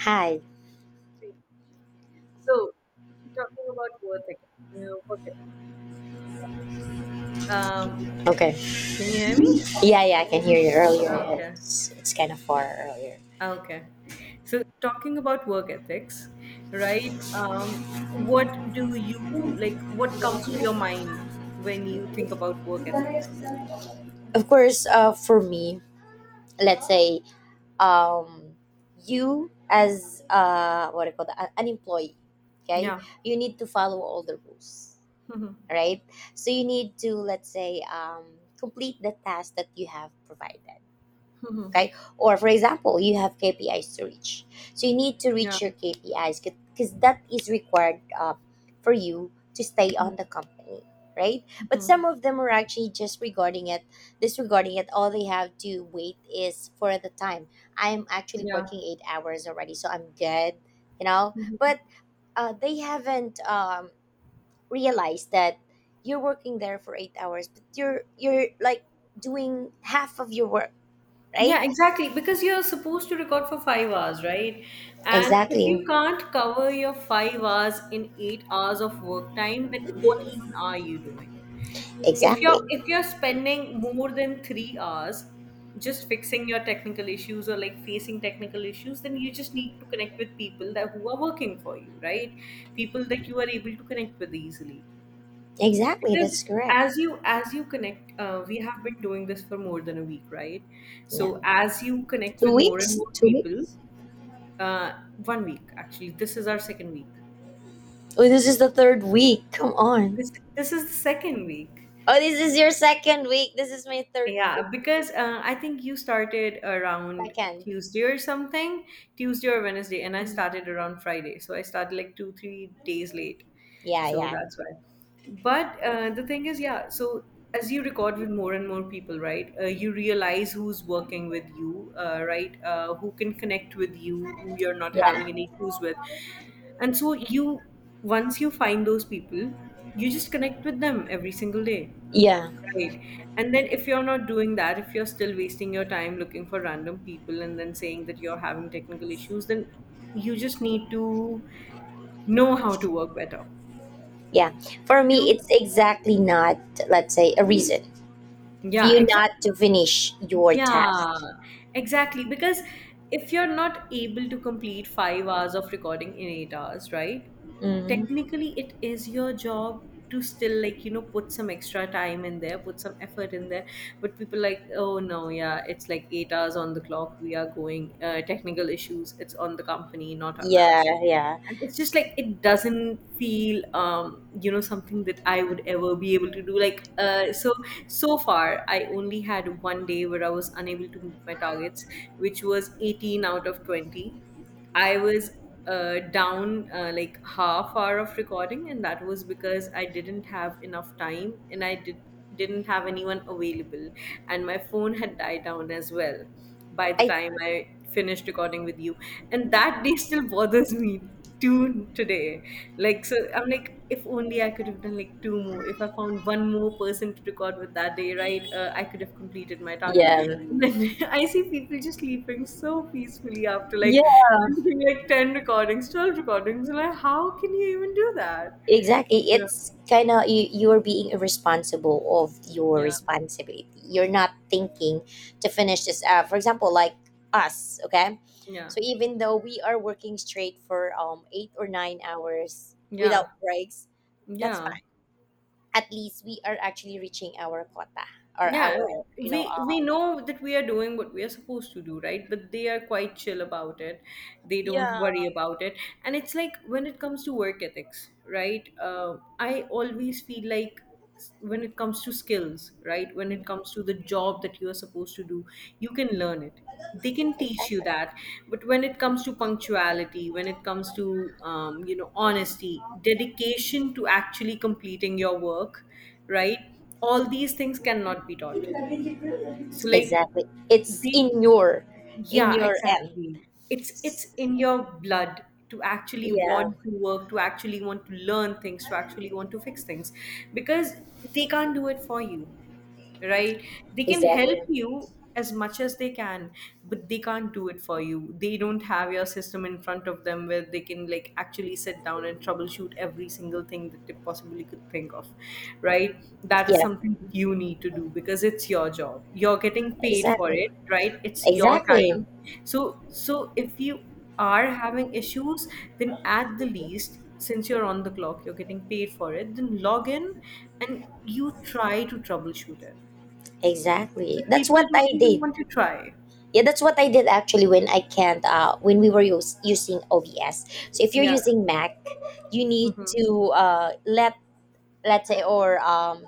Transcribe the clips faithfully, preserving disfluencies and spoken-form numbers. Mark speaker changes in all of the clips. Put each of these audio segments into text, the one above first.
Speaker 1: Hi.
Speaker 2: Great. So, talking about work again. You know, work again. Um,
Speaker 1: Okay.
Speaker 2: can you hear me?
Speaker 1: Yeah, yeah, I can hear you earlier.
Speaker 2: Okay.
Speaker 1: It's, it's kind of far
Speaker 2: Yeah.
Speaker 1: earlier.
Speaker 2: Okay. So, talking about work ethics, right? Um, what do you like? What comes to your mind when you think about work ethics?
Speaker 1: Of course, uh, for me, let's say, um, you as, uh, what do you call that? An employee, okay?
Speaker 2: Yeah.
Speaker 1: You need to follow all the rules,
Speaker 2: Mhm.
Speaker 1: right? So you need to, let's say, um, complete the task that you have provided.
Speaker 2: Mhm.
Speaker 1: Okay, or for example you have K P Is to reach, so you need to
Speaker 2: Yeah.
Speaker 1: reach your K P Is because that is required, uh, for you to stay
Speaker 2: Mhm.
Speaker 1: on the company, right? But
Speaker 2: Mhm.
Speaker 1: some of them are actually just regarding it disregarding it. All they have to wait is for the time. I'm actually
Speaker 2: Yeah.
Speaker 1: working eight hours already, so I'm good, you know
Speaker 2: Mm-hmm.
Speaker 1: but, uh, they haven't, um, realized that you're working there for eight hours, but you're you're like doing half of your work, right?
Speaker 2: Yeah, exactly. Because you're supposed to record for five hours, right? And if
Speaker 1: Exactly.
Speaker 2: you can't cover your five hours in eight hours of work time, then what even are you doing? If you're
Speaker 1: Exactly.
Speaker 2: if you're spending more than three hours just fixing your technical issues or like facing technical issues, then you just need to connect with people that who are working for you, right? People that you are able to connect with easily,
Speaker 1: Exactly.
Speaker 2: because
Speaker 1: That's correct.
Speaker 2: as you as you connect, uh, we have been doing this for more than a week, right?
Speaker 1: Yeah.
Speaker 2: So as you connect with
Speaker 1: Two
Speaker 2: more and
Speaker 1: weeks?
Speaker 2: more
Speaker 1: Two weeks?
Speaker 2: people. uh, One week, actually this is our second week.
Speaker 1: Oh, this is the third week. Come on.
Speaker 2: This this is the second week.
Speaker 1: Oh, this is your second week. This is my third week.
Speaker 2: Yeah, because uh, I think you started around
Speaker 1: Second.
Speaker 2: Tuesday or something, Tuesday or Wednesday, and I
Speaker 1: Mm.
Speaker 2: started around Friday. So I started like two, three days late.
Speaker 1: Yeah,
Speaker 2: So
Speaker 1: yeah.
Speaker 2: that's why. But uh, the thing is, yeah, so as you record with more and more people, right, uh, you realize who's working with you, uh, right, uh, who can connect with you, who you're not having any
Speaker 1: Yeah.
Speaker 2: issues with. And so you, once you find those people, you just connect with them every single day.
Speaker 1: Yeah.
Speaker 2: Right. And then if you're not doing that, if you're still wasting your time looking for random people and then saying that you're having technical issues, then you just need to know how to work better.
Speaker 1: Yeah. For me,
Speaker 2: To
Speaker 1: it's exactly not, let's say, a reason for
Speaker 2: yeah,
Speaker 1: you
Speaker 2: exactly.
Speaker 1: not to finish your task.
Speaker 2: Yeah, exactly. Because if you're not able to complete five hours of recording in eight hours, right?
Speaker 1: Mm.
Speaker 2: Technically, it is your job to still like, you know, put some extra time in there, put some effort in there. But people like, oh no, yeah, it's like eight hours on the clock. We are going, uh, technical issues. It's on the company, not on us.
Speaker 1: Yeah, yeah.
Speaker 2: And it's just like it doesn't feel um you know something that I would ever be able to do, like uh so so far I only had one day where I was unable to meet my targets, which was eighteen out of twenty. I was uh, down, uh, like half hour of recording, and that was because I didn't have enough time and I did didn't have anyone available, and my phone had died down as well by the
Speaker 1: I,
Speaker 2: time I finished recording with you. And that day still bothers me two today. Like, so I'm like, if only I could have done like two more. If I found one more person to record with that day, right, uh, I could have completed my target.
Speaker 1: yeah.
Speaker 2: And then I see people just sleeping so peacefully after like
Speaker 1: Yeah.
Speaker 2: finishing, like ten recordings, twelve recordings. And like, how can you even do that?
Speaker 1: Exactly.
Speaker 2: Yeah.
Speaker 1: It's kind of you, you're being irresponsible of your
Speaker 2: Yeah.
Speaker 1: responsibility. You're not thinking to finish this. Uh, for example, like us, okay?
Speaker 2: Yeah.
Speaker 1: So even though we are working straight for um eight or nine hours without
Speaker 2: Yeah.
Speaker 1: breaks, that's
Speaker 2: Yeah.
Speaker 1: fine. At least we are actually reaching our quota, or
Speaker 2: Yeah,
Speaker 1: our, you know,
Speaker 2: we we
Speaker 1: um,
Speaker 2: know that we are doing what we are supposed to do, right? But they are quite chill about it. They don't
Speaker 1: yeah,
Speaker 2: worry about it. And it's like when it comes to work ethics, right? Uh, I always feel like s- when it comes to skills, right? When it comes to the job that you are supposed to do, you can learn it. They can teach you
Speaker 1: exactly.
Speaker 2: that. But when it comes to punctuality, when it comes to um, you know honesty, dedication to actually completing your work, right? All these things cannot be taught, so like
Speaker 1: Exactly. It's
Speaker 2: the
Speaker 1: in your, in
Speaker 2: yeah,
Speaker 1: your end.
Speaker 2: exactly. It's it's in your blood to actually
Speaker 1: Yeah,
Speaker 2: want to work, to actually want to learn things, to actually want to fix things, because they can't do it for you, right? They can help
Speaker 1: exactly.
Speaker 2: you as much as they can, but they can't do it for you. They don't have your system in front of them where they can like actually sit down and troubleshoot every single thing that they possibly could think of, right? That is
Speaker 1: Yeah.
Speaker 2: something that you need to do, because it's your job, you're getting paid for
Speaker 1: Exactly.
Speaker 2: it, right? It's your
Speaker 1: Exactly.
Speaker 2: time. So so if you are having issues, then at the least, since you're on the clock, you're getting paid for it, then log in and you try to troubleshoot it, but
Speaker 1: Exactly. That's
Speaker 2: people
Speaker 1: what I
Speaker 2: don't even
Speaker 1: did.
Speaker 2: want to try.
Speaker 1: Yeah, that's what I did actually when I can't, uh when we were use, using O B S. So if you're
Speaker 2: Yeah.
Speaker 1: using Mac, you need
Speaker 2: Mm-hmm.
Speaker 1: to, uh let let's say, or um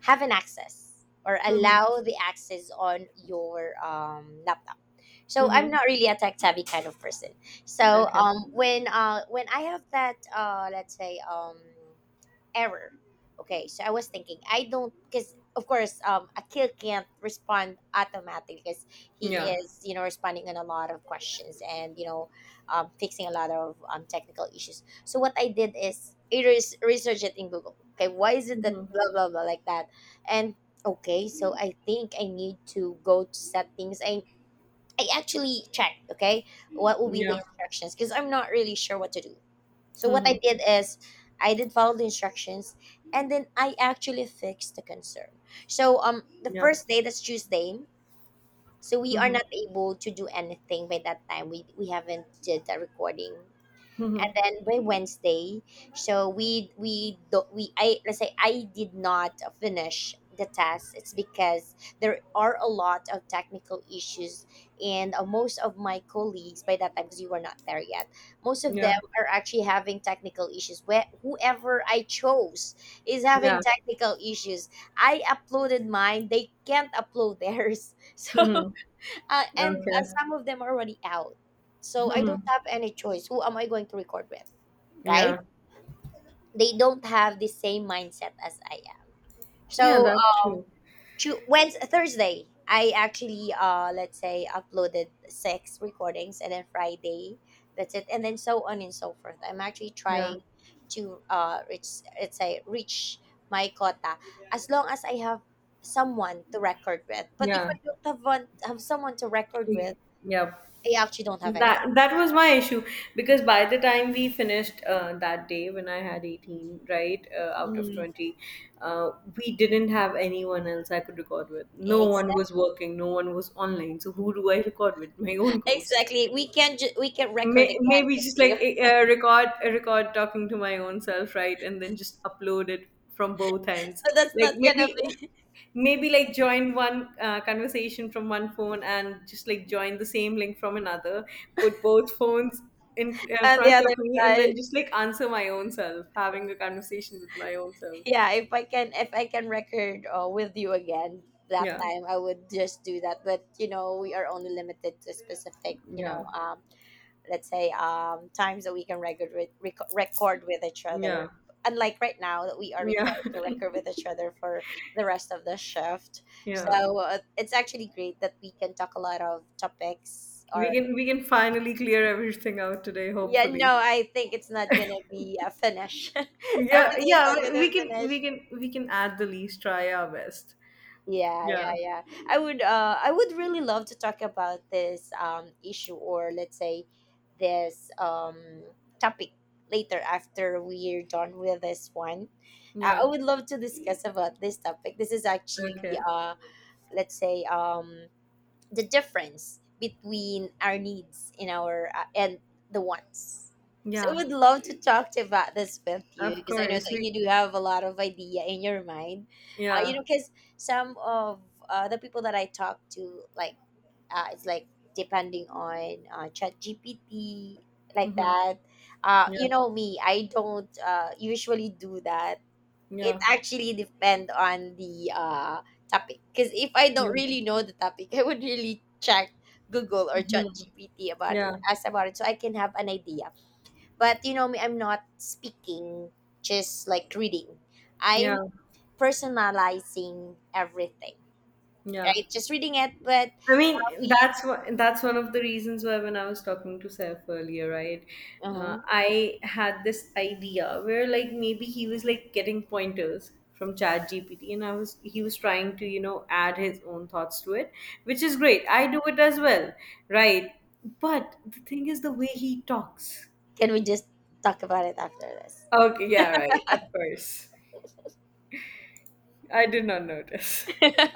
Speaker 1: have an access, or
Speaker 2: Mm-hmm.
Speaker 1: allow the access on your um laptop. So
Speaker 2: Mm-hmm.
Speaker 1: I'm not really a tech savvy kind of person. So,
Speaker 2: Okay.
Speaker 1: um when uh when I have that, uh let's say, um error. Okay, so I was thinking, I don't, because of course, um, Akil can't respond automatically because he
Speaker 2: Yeah.
Speaker 1: is, you know, responding on a lot of questions, and, you know, um, fixing a lot of um, technical issues. So what I did is I res- research it in Google. Okay, why is it that
Speaker 2: Mm-hmm.
Speaker 1: blah, blah, blah, like that? And okay, so I think I need to go to settings. I, I actually checked, okay, what will be
Speaker 2: Yeah.
Speaker 1: the instructions because I'm not really sure what to do. So what I
Speaker 2: Mm-hmm.
Speaker 1: did is I did follow the instructions, and then I actually fixed the concern. So, um the
Speaker 2: Yeah.
Speaker 1: first day, that's Tuesday. So we are
Speaker 2: Mm-hmm.
Speaker 1: not able to do anything by that time. We we haven't did the recording, and
Speaker 2: Mm-hmm.
Speaker 1: then by Wednesday, so we we do, we I let's say I did not finish the test. It's because there are a lot of technical issues, and, uh, most of my colleagues by that time, because you were not there yet, most of them
Speaker 2: Yeah.
Speaker 1: are actually having technical issues. Where whoever I chose is
Speaker 2: Yeah.
Speaker 1: having technical issues. I uploaded mine; they can't upload theirs. So,
Speaker 2: Mm-hmm.
Speaker 1: uh, and, uh,
Speaker 2: Okay.
Speaker 1: some of them are already out. So I don't have any choice. Who am I going to record with? Right?
Speaker 2: Yeah.
Speaker 1: They don't have the same mindset as I am.
Speaker 2: Yeah,
Speaker 1: So,
Speaker 2: that's
Speaker 1: um,
Speaker 2: true.
Speaker 1: to, Wednesday, Thursday, I actually, uh, let's say, uploaded six recordings, and then Friday, that's it, and then so on and so forth. I'm actually
Speaker 2: Yeah.
Speaker 1: trying to, uh, reach, let's say, reach my quota as long as I have someone to record with. But if
Speaker 2: Yeah.
Speaker 1: I don't have one, have someone to record with,
Speaker 2: Yeah.
Speaker 1: I actually don't have any.
Speaker 2: that that was my issue, because by the time we finished, uh, that day when I had eighteen, right, uh, out of
Speaker 1: Mm,
Speaker 2: twenty, uh, we didn't have anyone else I could record with. No one was
Speaker 1: exactly.
Speaker 2: working, no one was online, so who do I record with, my own ghost?
Speaker 1: Exactly. We can ju- we can record
Speaker 2: May,
Speaker 1: again,
Speaker 2: maybe
Speaker 1: because
Speaker 2: just
Speaker 1: we
Speaker 2: like, uh, record record talking to my own self, right, and then just upload it from both ends,
Speaker 1: so that's
Speaker 2: like
Speaker 1: not gonna
Speaker 2: maybe,
Speaker 1: be
Speaker 2: maybe like join one uh, conversation from one phone and just like join the same link from another, put both phones in, uh,
Speaker 1: on the
Speaker 2: front of
Speaker 1: other
Speaker 2: me, and then
Speaker 1: side.
Speaker 2: just like answer my own self, having a conversation with my own self.
Speaker 1: Yeah, if I can, if I can record, uh, with you again that
Speaker 2: Yeah,
Speaker 1: time, I would just do that. But, you know, we are only limited to specific, you
Speaker 2: yeah,
Speaker 1: know, um, let's say, um, times that we can record with, rec- record with each
Speaker 2: yeah,
Speaker 1: other. Unlike right now that we are
Speaker 2: yeah.
Speaker 1: required to record with each other for the rest of the shift,
Speaker 2: Yeah,
Speaker 1: so, uh, it's actually great that we can talk a lot of topics,
Speaker 2: we
Speaker 1: or...
Speaker 2: can we can finally clear everything out today,
Speaker 1: Yeah,
Speaker 2: hopefully.
Speaker 1: no, I think it's not gonna be a finish.
Speaker 2: Yeah,
Speaker 1: Everything is
Speaker 2: yeah,
Speaker 1: not
Speaker 2: we we
Speaker 1: gonna
Speaker 2: can we
Speaker 1: finish.
Speaker 2: can we can at the least try our best.
Speaker 1: Yeah, yeah,
Speaker 2: Yeah.
Speaker 1: yeah. I would, uh, I would really love to talk about this um issue, or let's say this um topic, later after we're done with this one. Uh, I
Speaker 2: Yeah.
Speaker 1: would love to discuss about this topic. This is actually,
Speaker 2: Okay.
Speaker 1: uh, let's say, um the difference between our needs and our, uh, and the wants. So I
Speaker 2: Yeah.
Speaker 1: would love to talk to about this with you
Speaker 2: Of
Speaker 1: because I know
Speaker 2: course.
Speaker 1: that
Speaker 2: We
Speaker 1: you do have a lot of idea in your mind. Uh, you
Speaker 2: yeah.
Speaker 1: know, because some of, uh, the people that I talk to, like, uh, it's like depending on, uh, Chat G P T, like
Speaker 2: Mm-hmm.
Speaker 1: that. Uh,
Speaker 2: Yeah.
Speaker 1: you know me, I don't, uh, usually do that. It
Speaker 2: Yeah.
Speaker 1: actually depend on the uh topic, because if I don't
Speaker 2: Yeah.
Speaker 1: really know the topic I would really check Google or Chat GPT about it,
Speaker 2: Yeah.
Speaker 1: ask about it, so I can have an idea. But you know me, I'm not speaking just like reading.
Speaker 2: Yeah.
Speaker 1: I'm personalizing everything,
Speaker 2: Yeah.
Speaker 1: right? Just reading it, but
Speaker 2: I mean,
Speaker 1: we...
Speaker 2: that's what that's one of the reasons why when I was talking to Saif earlier, right? Uh,
Speaker 1: Mhm.
Speaker 2: I had this idea where like maybe he was like getting pointers from Chat G P T, and I was he was trying to, you know, add his own thoughts to it, which is great. I do it as well, right? But the thing is the way he talks.
Speaker 1: Can we just talk about it after this?
Speaker 2: Okay, yeah, right, of course. I did not notice.